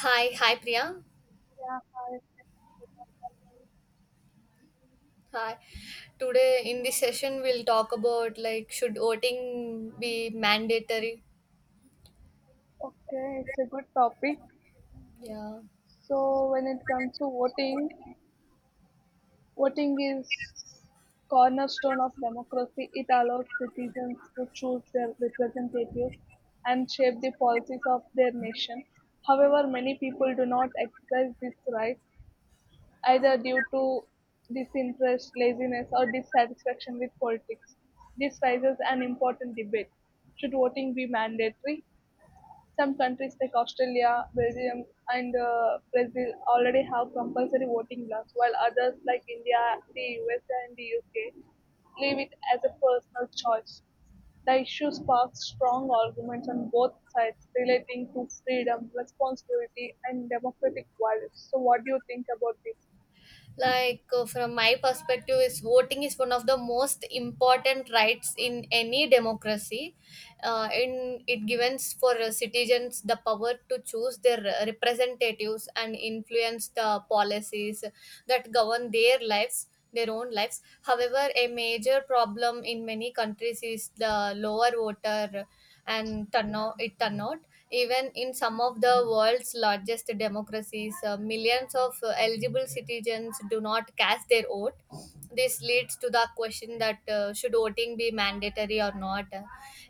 Hi, hi Priya. Yeah, hi. Hi. Today in this session we'll talk about like should voting be mandatory? Okay, it's a good topic. Yeah. So when it comes to voting, voting is cornerstone of democracy. It allows citizens to choose their representatives and shape the policies of their nation. However, many people do not exercise this right either due to disinterest, laziness, or dissatisfaction with politics. This raises an important debate. Should voting be mandatory? Some countries like Australia, Belgium, and Brazil already have compulsory voting laws, while others like India, the US, and the UK leave it as a personal choice. The issue sparked strong arguments on both sides relating to freedom, responsibility, and democratic values. So, what do you think about this? Like from my perspective is voting is one of the most important rights in any democracy, in it gives for citizens the power to choose their representatives and influence the policies that govern their own lives. However, a major problem in many countries is the lower voter and turn out, it turned out even in some of the world's largest democracies. Millions of eligible citizens do not cast their vote. This leads to the question that should voting be mandatory or not.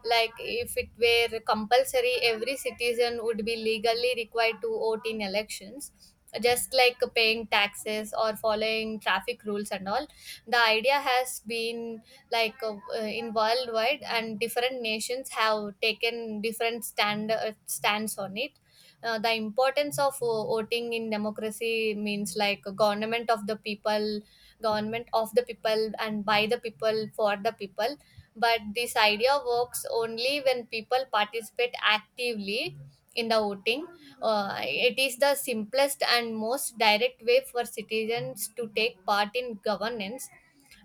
Like if it were compulsory, every citizen would be legally required to vote in elections, just like paying taxes or following traffic rules and all. The idea has been like in worldwide, and different nations have taken different stands on it. Uh, the importance of voting in democracy means like government of the people, and by the people for the people. But this idea works only when people participate actively in the voting. It is the simplest and most direct way for citizens to take part in governance.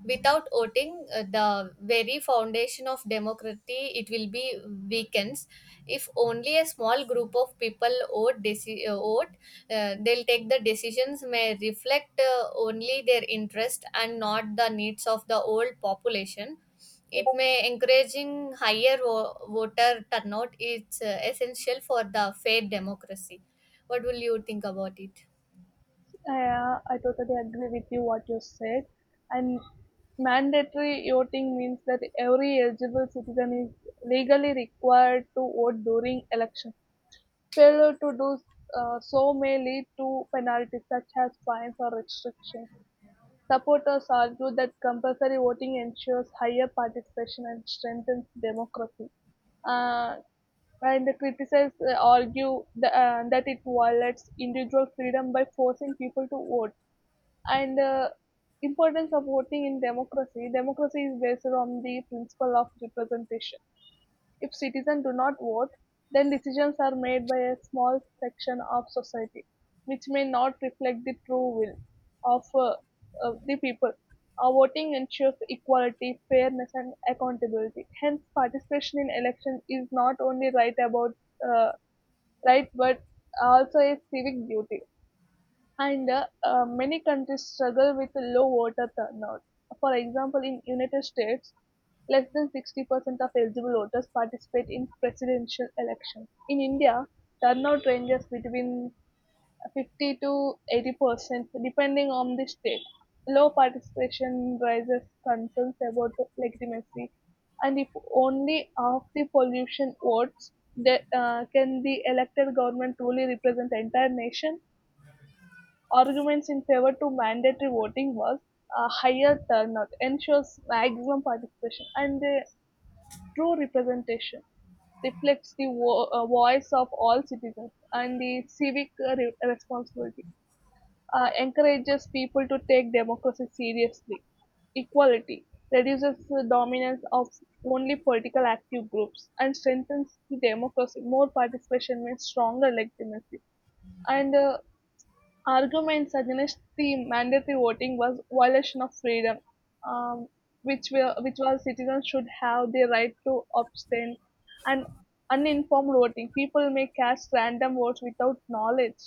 Without voting, the very foundation of democracy, it will be weakens. If only a small group of people vote, they'll take the decisions may reflect only their interest and not the needs of the old population. It may encouraging higher voter turnout. It's essential for the fair democracy. What will you think about it? Yeah, I totally agree with you what you said. And mandatory voting means that every eligible citizen is legally required to vote during election. Failure to do so may lead to penalties such as fines or restrictions. Supporters argue that compulsory voting ensures higher participation and strengthens democracy. Uh, and the criticizers argue that it violates individual freedom by forcing people to vote. And the importance of voting in democracy, is based on the principle of representation. If citizens do not vote, then decisions are made by a small section of society, which may not reflect the true will of, uh, of the people. Our voting ensures equality, fairness, and accountability. Hence, participation in elections is not only uh, right, but also a civic duty. And Many countries struggle with low voter turnout. For example, in United States, less than 60% of eligible voters participate in presidential elections. In India, turnout ranges between 50 to 80% depending on the state. Low participation raises concerns about the legitimacy, and if only half the pollution votes, can the elected government truly represent the entire nation? Arguments in favor to mandatory voting was higher turnout ensures maximum participation and true representation, reflects the voice of all citizens, and the civic responsibility encourages people to take democracy seriously. Equality reduces the dominance of only political active groups and strengthens the democracy. More participation means stronger legitimacy. And Arguments against the mandatory voting was violation of freedom, um, which was citizens should have the right to abstain, and uninformed voting. People may cast random votes without knowledge,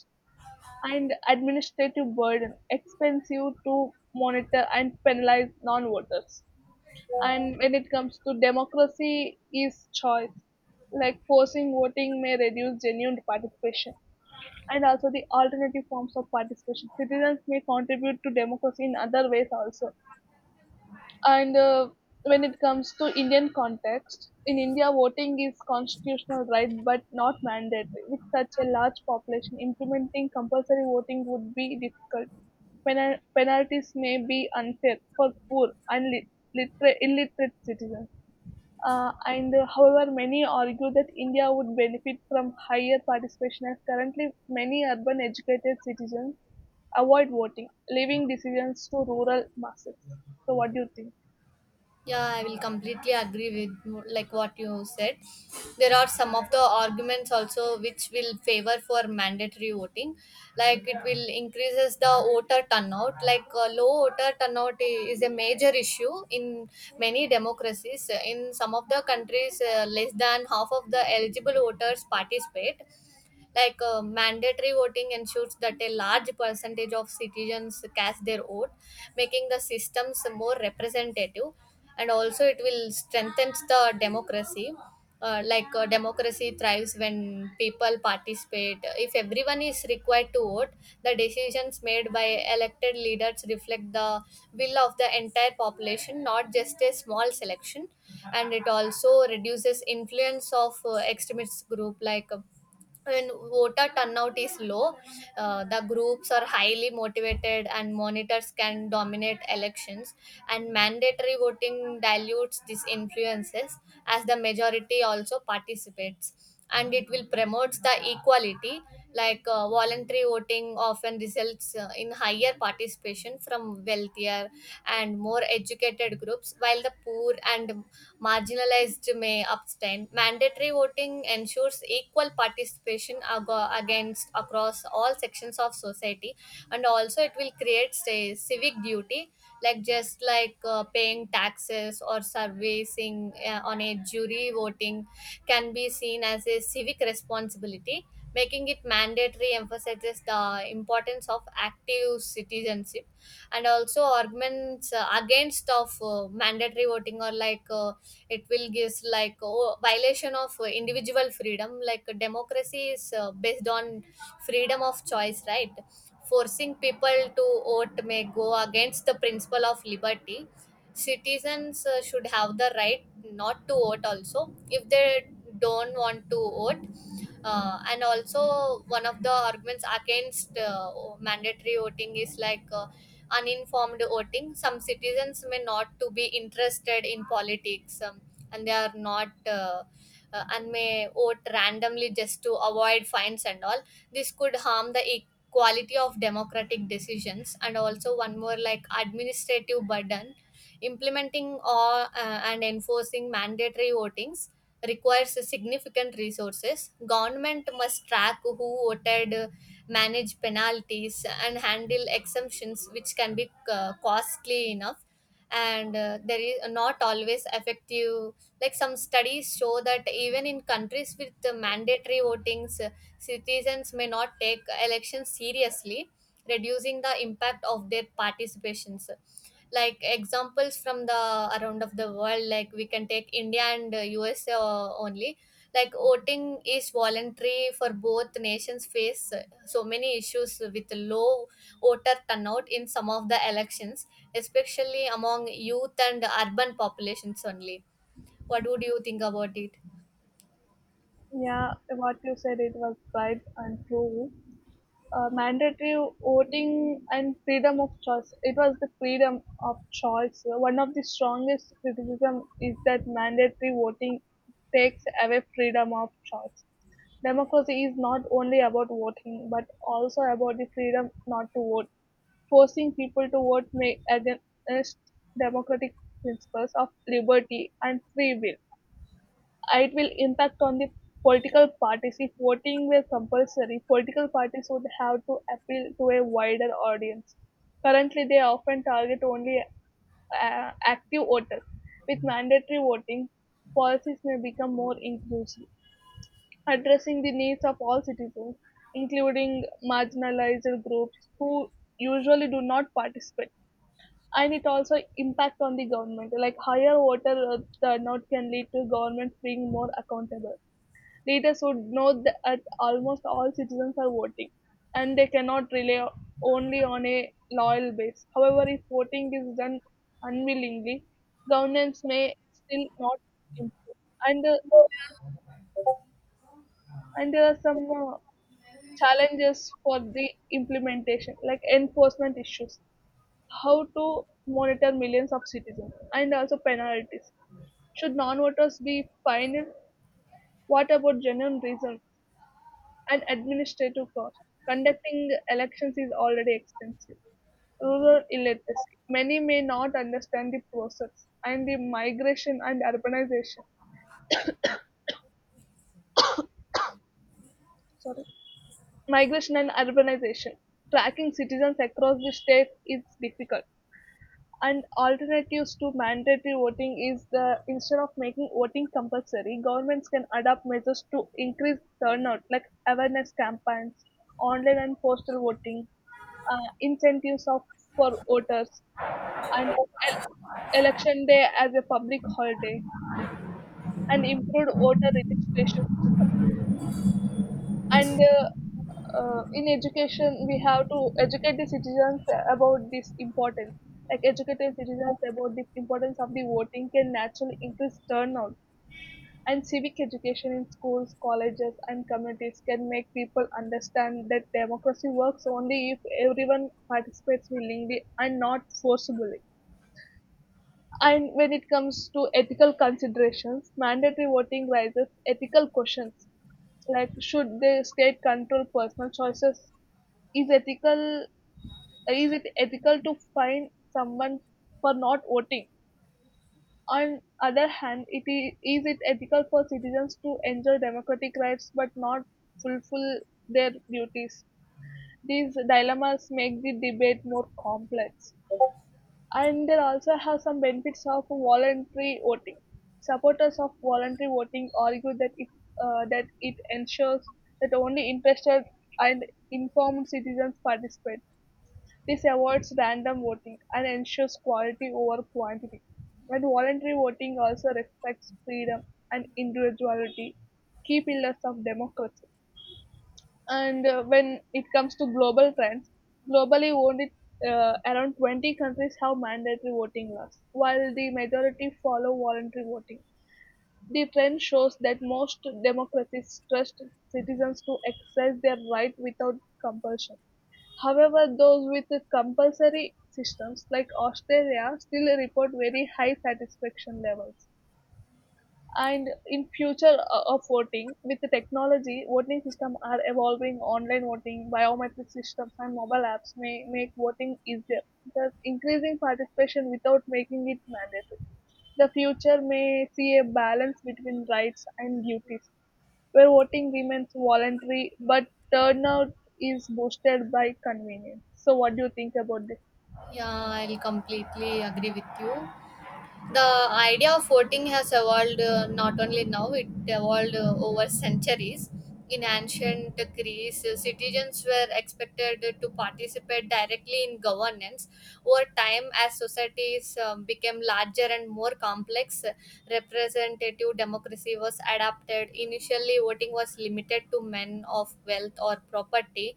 and administrative burden, expensive to monitor and penalize non-voters. And when it comes to democracy, is choice, like forcing voting may reduce genuine participation, and also the alternative forms of participation. Citizens may contribute to democracy in other ways also. And when it comes to Indian context, in India, voting is constitutional right but not mandatory. With such a large population, implementing compulsory voting would be difficult. Penalties may be unfair for poor and lit- illiterate citizens. And however, many argue that India would benefit from higher participation as currently many urban educated citizens avoid voting, leaving decisions to rural masses. So, what do you think? Yeah, I will completely agree with like what you said. There are some of the arguments also which will favor for mandatory voting, like it will increases the voter turnout. Like low voter turnout is a major issue in many democracies. In some of the countries, less than half of the eligible voters participate. Like mandatory voting ensures that a large percentage of citizens cast their vote, making the systems more representative, and also it will strengthen the democracy. Like democracy thrives when people participate. If everyone is required to vote, the decisions made by elected leaders reflect the will of the entire population, not just a small selection. And it also reduces influence of extremist group. Like when voter turnout is low, the groups are highly motivated and monitors can dominate elections. And mandatory voting dilutes these influences as the majority also participates. And it will promote the equality. Like voluntary voting often results in higher participation from wealthier and more educated groups, while the poor and marginalized may abstain. Mandatory voting ensures equal participation against across all sections of society, and also it will create say civic duty. Like just like paying taxes or servicing on a jury, voting can be seen as a civic responsibility. Making it mandatory emphasizes the importance of active citizenship. And also, arguments against of mandatory voting or like it will gives like oh, violation of individual freedom. Like democracy is based on freedom of choice, right? Forcing people to vote may go against the principle of liberty. Citizens should have the right not to vote also if they don't want to vote. And also, one of the arguments against mandatory voting is like uninformed voting. Some citizens may not to be interested in politics, and they are not and may vote randomly just to avoid fines and all. This could harm the equality of democratic decisions. And also, one more like administrative burden. Implementing or and enforcing mandatory votings requires significant resources. Government must track who voted, manage penalties, and handle exemptions, which can be costly enough. And there is not always effective. Like some studies show that even in countries with the mandatory votings, citizens may not take elections seriously, reducing the impact of their participations. Like examples from the around of the world, like we can take india and us only. Like voting is voluntary for both nations, face so many issues with low voter turnout in some of the elections, especially among youth and urban populations only. What would you think about it? Yeah, what you said it was right and true. Mandatory voting and freedom of choice. It was the freedom of choice. One of the strongest criticism is that mandatory voting takes away freedom of choice. Democracy is not only about voting, but also about the freedom not to vote. Forcing people to vote may against democratic principles of liberty and free will. It will impact on the political parties. If voting were compulsory, political parties would have to appeal to a wider audience. Currently, they often target only active voters. With mandatory voting, policies may become more inclusive, addressing the needs of all citizens, including marginalized groups who usually do not participate. And it also impact on the government, like higher voter turnout can lead to government being more accountable. Leaders would know that almost all citizens are voting, and they cannot rely only on a loyal base. However, if voting is done unwillingly, governance may still not improve. And uh, and there are some uh, challenges for the implementation, like enforcement issues, how to monitor millions of citizens, and also penalties. Should non voters be fined? What about genuine reasons and administrative costs? Conducting elections is already expensive. Rural illiteracy. Many may not understand the process and the migration and urbanization. Sorry, migration and urbanization. Tracking citizens across the state is difficult. And alternatives to mandatory voting is the, instead of making voting compulsory, governments can adopt measures to increase turnout, like awareness campaigns, online and postal voting, incentives of for voters, and election day as a public holiday, and improved voter registration system. And in education we have to educate the citizens about this importance, like educating citizens about the importance of the voting can naturally increase turnout, and civic education in schools, colleges, and communities can make people understand that democracy works only if everyone participates willingly and not forcibly. And when it comes to ethical considerations, mandatory voting raises ethical questions, like should the state control personal choices? Is ethical, is it ethical to fine someone for not voting? On other hand, it is it ethical for citizens to enjoy democratic rights but not fulfill their duties? These dilemmas make the debate more complex. And there also have some benefits of voluntary voting. Supporters of voluntary voting argue that it ensures that only interested and informed citizens participate. This avoids random voting and ensures quality over quantity. And voluntary voting also respects freedom and individuality, key pillars of democracy. And when it comes to global trends, globally only around 20 countries have mandatory voting laws, while the majority follow voluntary voting. The trend shows that most democracies trust citizens to exercise their right without compulsion. However, those with compulsory systems, like Australia, still report very high satisfaction levels. And in future of voting, with the technology, voting systems are evolving. Online voting, biometric systems, and mobile apps may make voting easier, thus increasing participation without making it mandatory. The future may see a balance between rights and duties, where voting remains voluntary, but turnout is boosted by convenience. So, what do you think about this? Yeah, I'll completely agree with you. The idea of voting has evolved, not only now, it evolved over centuries. In ancient greece, citizens were expected to participate directly in governance. Over time, as societies became larger and more complex, representative democracy was adapted. Initially voting was limited to men of wealth or property.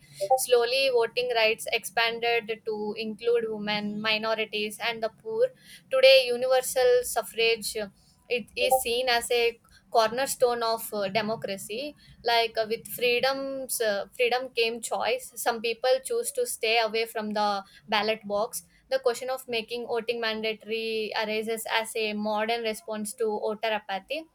Slowly voting rights expanded to include women, minorities and the poor. Today, universal suffrage, it is seen as a cornerstone of democracy. Like with freedoms, freedom came choice. Some people choose to stay away from the ballot box. The question of making voting mandatory arises as a modern response to voter apathy.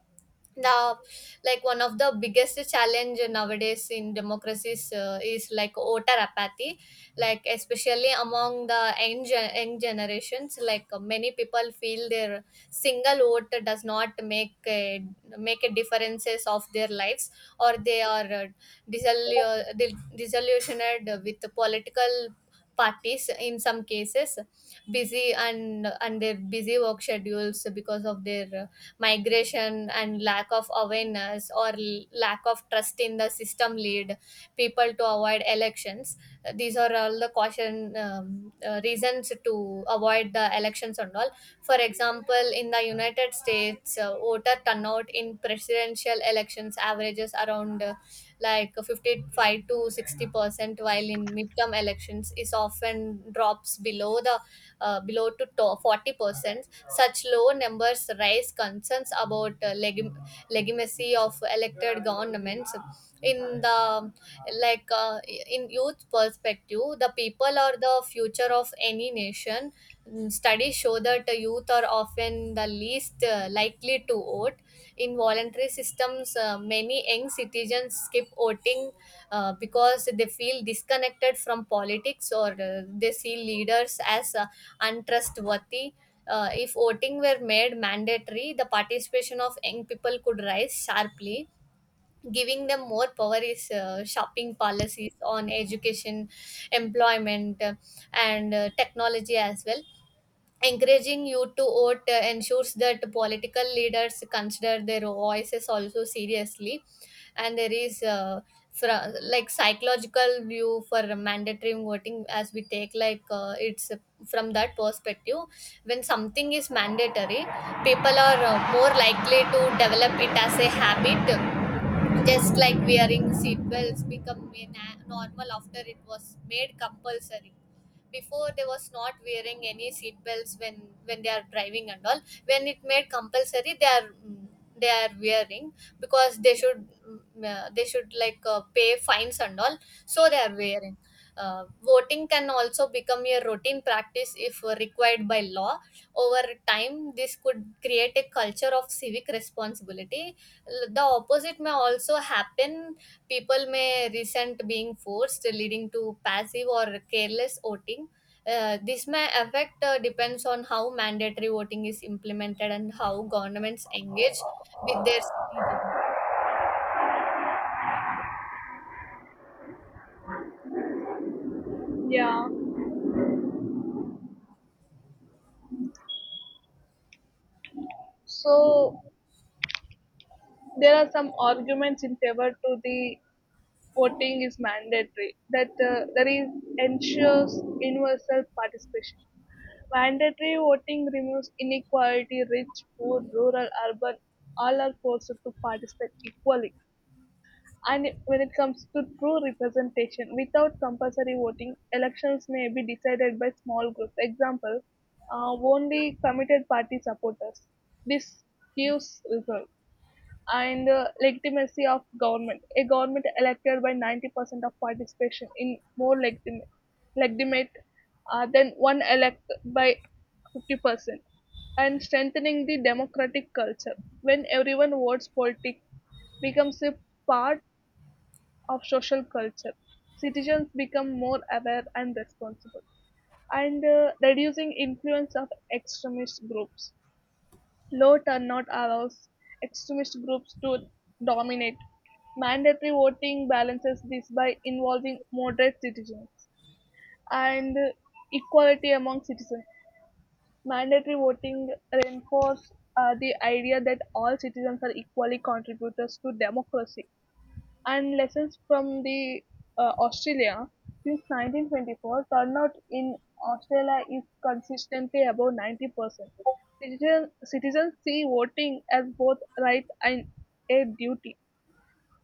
The Like one of the biggest challenge nowadays in democracies is like voter apathy, like especially among the young, young generations. Like many people feel their single vote does not make a differences of their lives, or they are disillusioned with the political parties. In some cases, busy and their busy work schedules because of their migration, and lack of awareness or lack of trust in the system lead people to avoid elections. These are all the caution reasons to avoid the elections and all. For example, in the united states, voter turnout in presidential elections averages around like 55 to 60%, while in midterm elections is often drops below the below to 40%. Such low numbers raise concerns about legitimacy of elected governments. In the like uh, in youth perspective, the people are the future of any nation. Studies show that the youth are often the least likely to vote. In voluntary systems, many young citizens skip voting because they feel disconnected from politics, or they see leaders as untrustworthy. If voting were made mandatory, the participation of young people could rise sharply, giving them more power is shopping policies on education, employment, and technology as well. Encouraging you to vote ensures that political leaders consider their voices also seriously. And there is like psychological view for mandatory voting, as we take like it's from that perspective. When something is mandatory, people are more likely to develop it as a habit, just like wearing seatbelts become a normal after it was made compulsory. Before they was not wearing any seatbelts when they are driving and all. When it made compulsory, they are wearing, because they should like pay fines and all. So they are wearing. Voting can also become a routine practice if required by law. Over time, this could create a culture of civic responsibility. The opposite may also happen. People may resent being forced, leading to passive or careless voting. This may affect, depends on how mandatory voting is implemented and how governments engage with their citizens. Yeah. So there are some arguments in favor to the voting is mandatory, that that is, ensures universal participation. Mandatory voting removes inequality, rich, poor, rural, urban, all are forced to participate equally. And when it comes to true representation, without compulsory voting, elections may be decided by small groups. Example, only committed party supporters. This gives result. And legitimacy of government. A government elected by 90% of participation in more legitimate, legitimate than one elected by 50%. And strengthening the democratic culture. When everyone votes, politics becomes a part of social culture. Citizens become more aware and responsible, and reducing influence of extremist groups. Low turnout allows extremist groups to dominate. Mandatory voting balances this by involving moderate citizens and equality among citizens. Mandatory voting reinforces the idea that all citizens are equally contributors to democracy. And lessons from the Australia, since 1924, turnout in Australia is consistently above 90%. Citizens see voting as both right and a duty.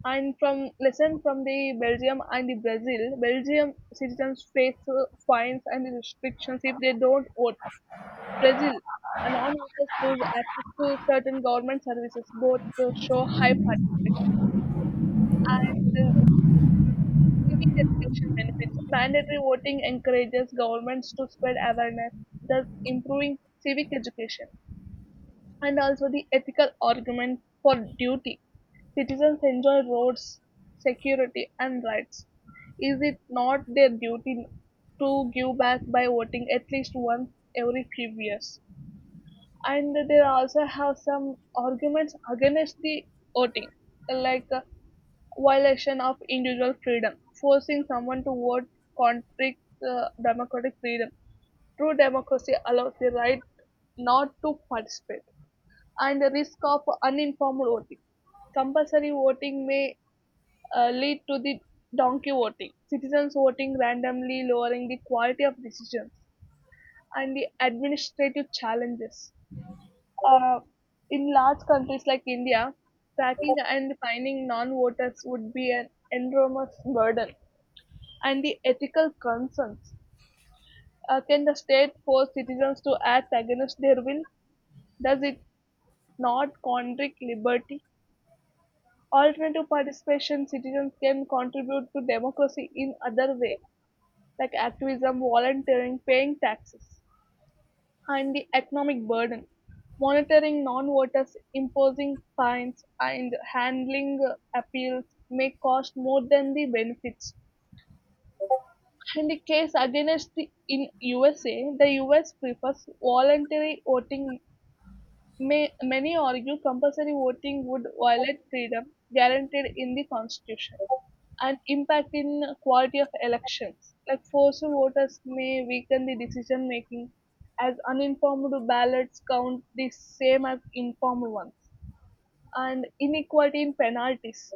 And from lesson from the Belgium and the Brazil, Belgium citizens face fines and restrictions if they don't vote. Brazil, non-voters lose access to certain government services. Both show high participation. Civic education benefits. Mandatory voting encourages governments to spread awareness, thus improving civic education. And also the ethical argument for duty. Citizens enjoy roads, security, and rights. Is it not their duty to give back by voting at least once every few years? And they also have some arguments against the voting, like violation of individual freedom, forcing someone to vote contradicts democratic freedom. True democracy allows the right not to participate, and the risk of uninformed voting. Compulsory voting may lead to the donkey voting, citizens voting randomly, lowering the quality of decisions, and the administrative challenges. Uh, in large countries like India, tracking and finding non voters would be an enormous burden, and the ethical concerns. Can the state force citizens to act against their will? Does it not contradict liberty? Alternative participation, citizens can contribute to democracy in other way, like activism, volunteering, paying taxes, and the economic burden, monitoring non-voters, imposing fines, and handling appeals may cost more than the benefits. In the case against the in USA, the US prefers voluntary voting. May, many argue compulsory voting would violate freedom guaranteed in the Constitution, and impact in quality of elections. Like forced voters may weaken the decision making as uninformed ballots count the same as informed ones. And inequality in penalties.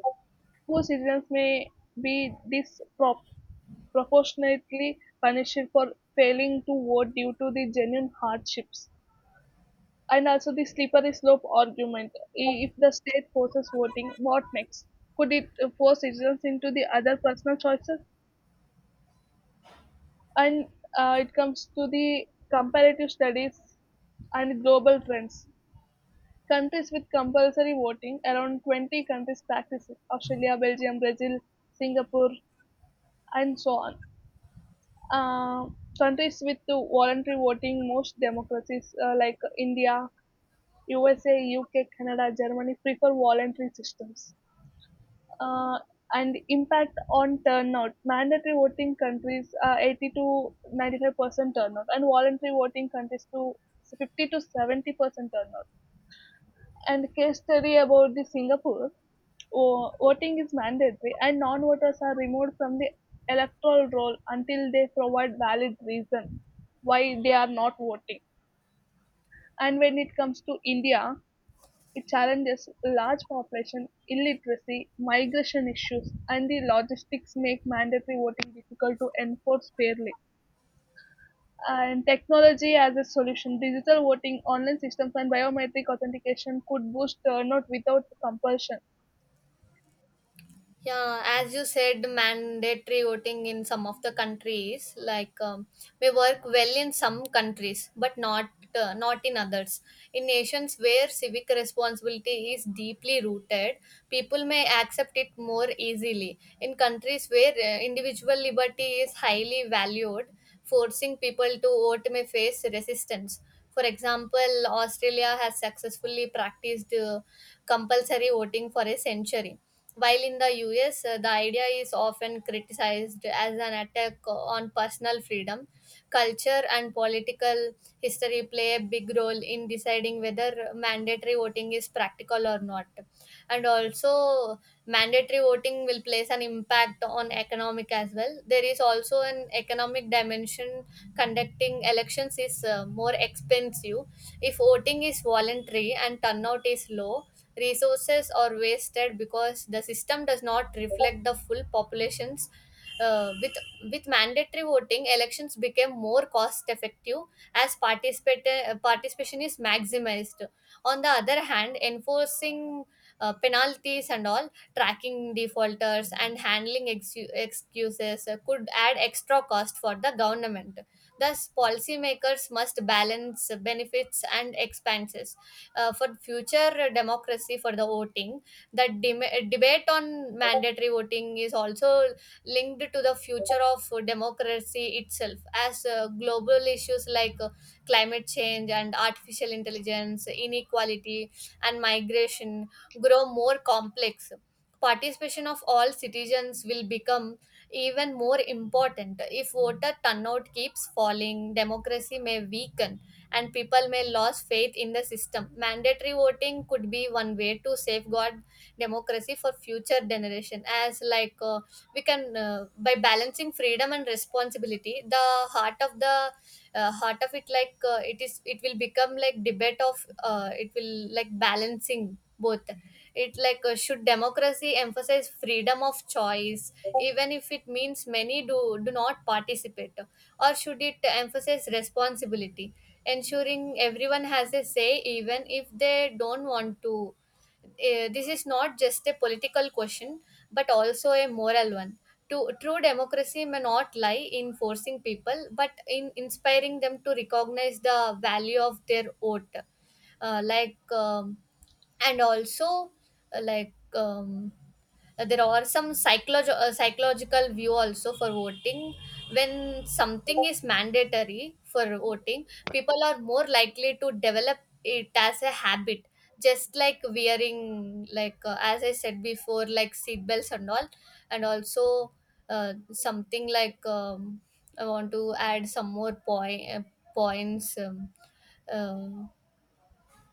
Poor citizens may be disproportionately punished for failing to vote due to the genuine hardships. And also the slippery slope argument. If the state forces voting, what next? Could it force citizens into the other personal choices? And it comes to the comparative studies and global trends. Countries with compulsory voting, around 20 countries practice it, Australia, Belgium, Brazil, Singapore, and so on. Uh, countries with the voluntary voting, most democracies like India, USA, UK, Canada, Germany prefer voluntary systems. Uh, and impact on turnout. Mandatory voting countries are 80 to 95% turnout, and voluntary voting countries to 50 to 70% turnout, and case study about the Singapore. Voting is mandatory, and non-voters are removed from the electoral roll until they provide valid reason why they are not voting. And when it comes to India, it challenges large population, illiteracy, migration issues, and the logistics make mandatory voting difficult to enforce fairly. And technology as a solution, digital voting, online systems, and biometric authentication could boost turnout without compulsion. Yeah, as you said, mandatory voting in some of the countries like may work well in some countries, but not in others. In nations where civic responsibility is deeply rooted, people may accept it more easily. In countries where individual liberty is highly valued, forcing people to vote may face resistance. For example, Australia has successfully practiced compulsory voting for a century, while in the US, the idea is often criticized as an attack on personal freedom. Culture and political history play a big role in deciding whether mandatory voting is practical or not. And also, mandatory voting will place an impact on economic as well. There is also an economic dimension. Conducting elections is more expensive. If voting is voluntary and turnout is low, resources are wasted because the system does not reflect the full populations. With mandatory voting, elections became more cost effective, as participation is maximized. On the other hand, enforcing penalties and all, tracking defaulters and handling excuses could add extra cost for the government. Thus policymakers must balance benefits and expenses for future democracy for the voting. That debate on mandatory voting is also linked to the future of democracy itself, as global issues like climate change and artificial intelligence, inequality and migration grow more complex. Participation of all citizens will become even more important. If voter turnout keeps falling, democracy may weaken and people may lose faith in the system. Mandatory voting could be one way to safeguard democracy for future generation. As like we can, by balancing freedom and responsibility, the heart of it, like it will become like debate of, it will like balancing both. It, like should democracy emphasize freedom of choice, even if it means many do not participate, or should it emphasize responsibility, ensuring everyone has a say even if they don't want to? This is not just a political question, but also a moral one. True democracy may not lie in forcing people, but in inspiring them to recognize the value of their vote. Uh, like and also like There are some psychological view also for voting. When something is mandatory for voting, people are more likely to develop it as a habit, just like wearing, like as I said before, like seat belts and all. And also, something like, I want to add some more point, points uh,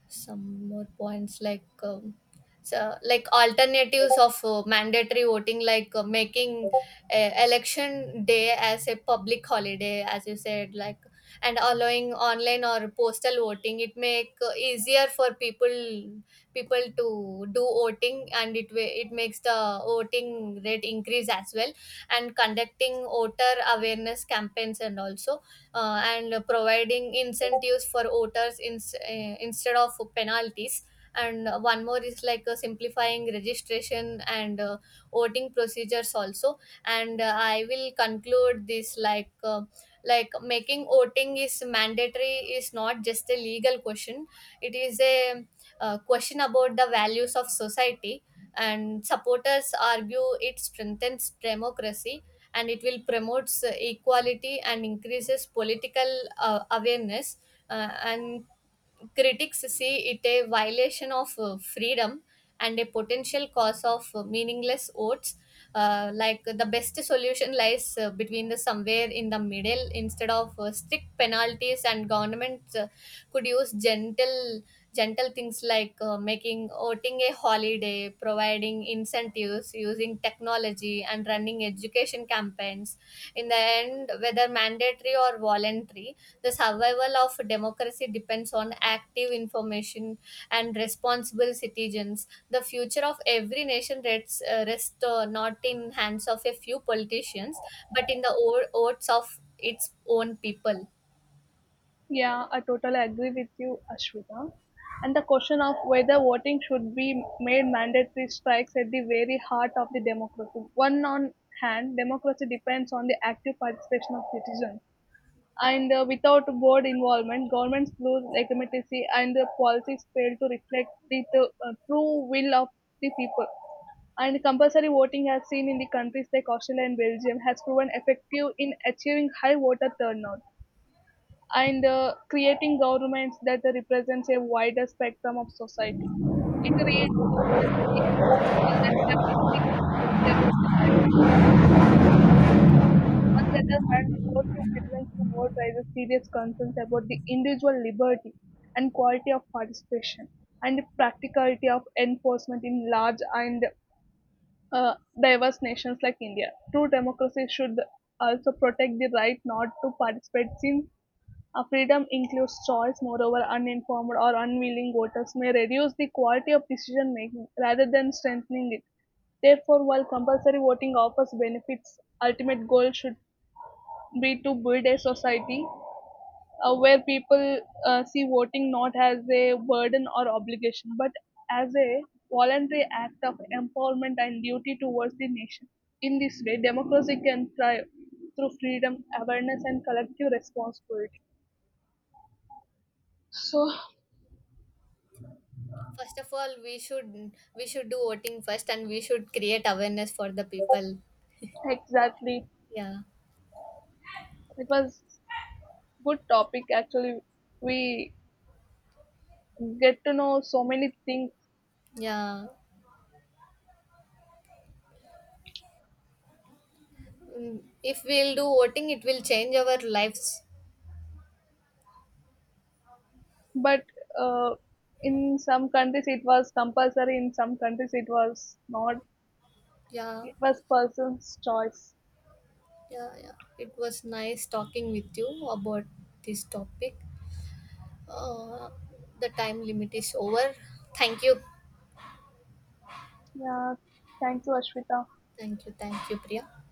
some more points, like so like alternatives of mandatory voting, like making election day as a public holiday, as you said, like, and allowing online or postal voting. It make easier for people to do voting, and it makes the voting rate increase as well, and conducting voter awareness campaigns, and also and providing incentives for voters, instead of penalties. And one more is like simplifying registration and voting procedures also. And I will conclude this, like making voting is mandatory is not just a legal question. It is a question about the values of society, and supporters argue it strengthens democracy and it will promotes equality and increases political awareness, and critics see it a violation of freedom and a potential cause of meaningless votes. Like the best solution lies between the somewhere in the middle, instead of strict penalties, and governments could use gentle things, like making voting a holiday, providing incentives, using technology and running education campaigns. In the end, whether mandatory or voluntary, the survival of democracy depends on active information and responsible citizens. The future of every nation rests not in hands of a few politicians, but in the votes of its own people. Yeah, I totally agree with you, Ashwita. And the question of whether voting should be made mandatory strikes at the very heart of the democracy. One on hand, democracy depends on the active participation of citizens. And without board involvement, governments lose legitimacy and the policies fail to reflect the true will of the people. And compulsory voting, as seen in the countries like Australia and Belgium, has proven effective in achieving high voter turnout, and creating governments that represents a wider spectrum of society. It reinforces the principle that democracy is not only about the right but also the left. On the other hand, forcing citizens to vote raises serious concerns about the individual liberty and quality of participation and the practicality of enforcement in large and uh, diverse nations like India. True democracy should also protect the right not to participate, since a freedom includes choice; moreover, uninformed or unwilling voters may reduce the quality of decision making rather than strengthening it. Therefore, while compulsory voting offers benefits, ultimate goal should be to build a society where people see voting not as a burden or obligation, but as a voluntary act of empowerment and duty towards the nation. In this way, democracy can thrive through freedom, awareness, and collective responsibility. So, First of all, we should do voting first, and we should create awareness for the people. exactly. Yeah, It was good topic actually. We get to know so many things, yeah. Mm, if we'll do voting, it will change our lives. but uh, in some countries it was compulsory, in some countries it was not. Yeah, It was person's choice. yeah, yeah. It was nice talking with you about this topic. Uh, the time limit is over. Thank you, Yeah. Thank you, Ashwita. thank you, thank you, Priya.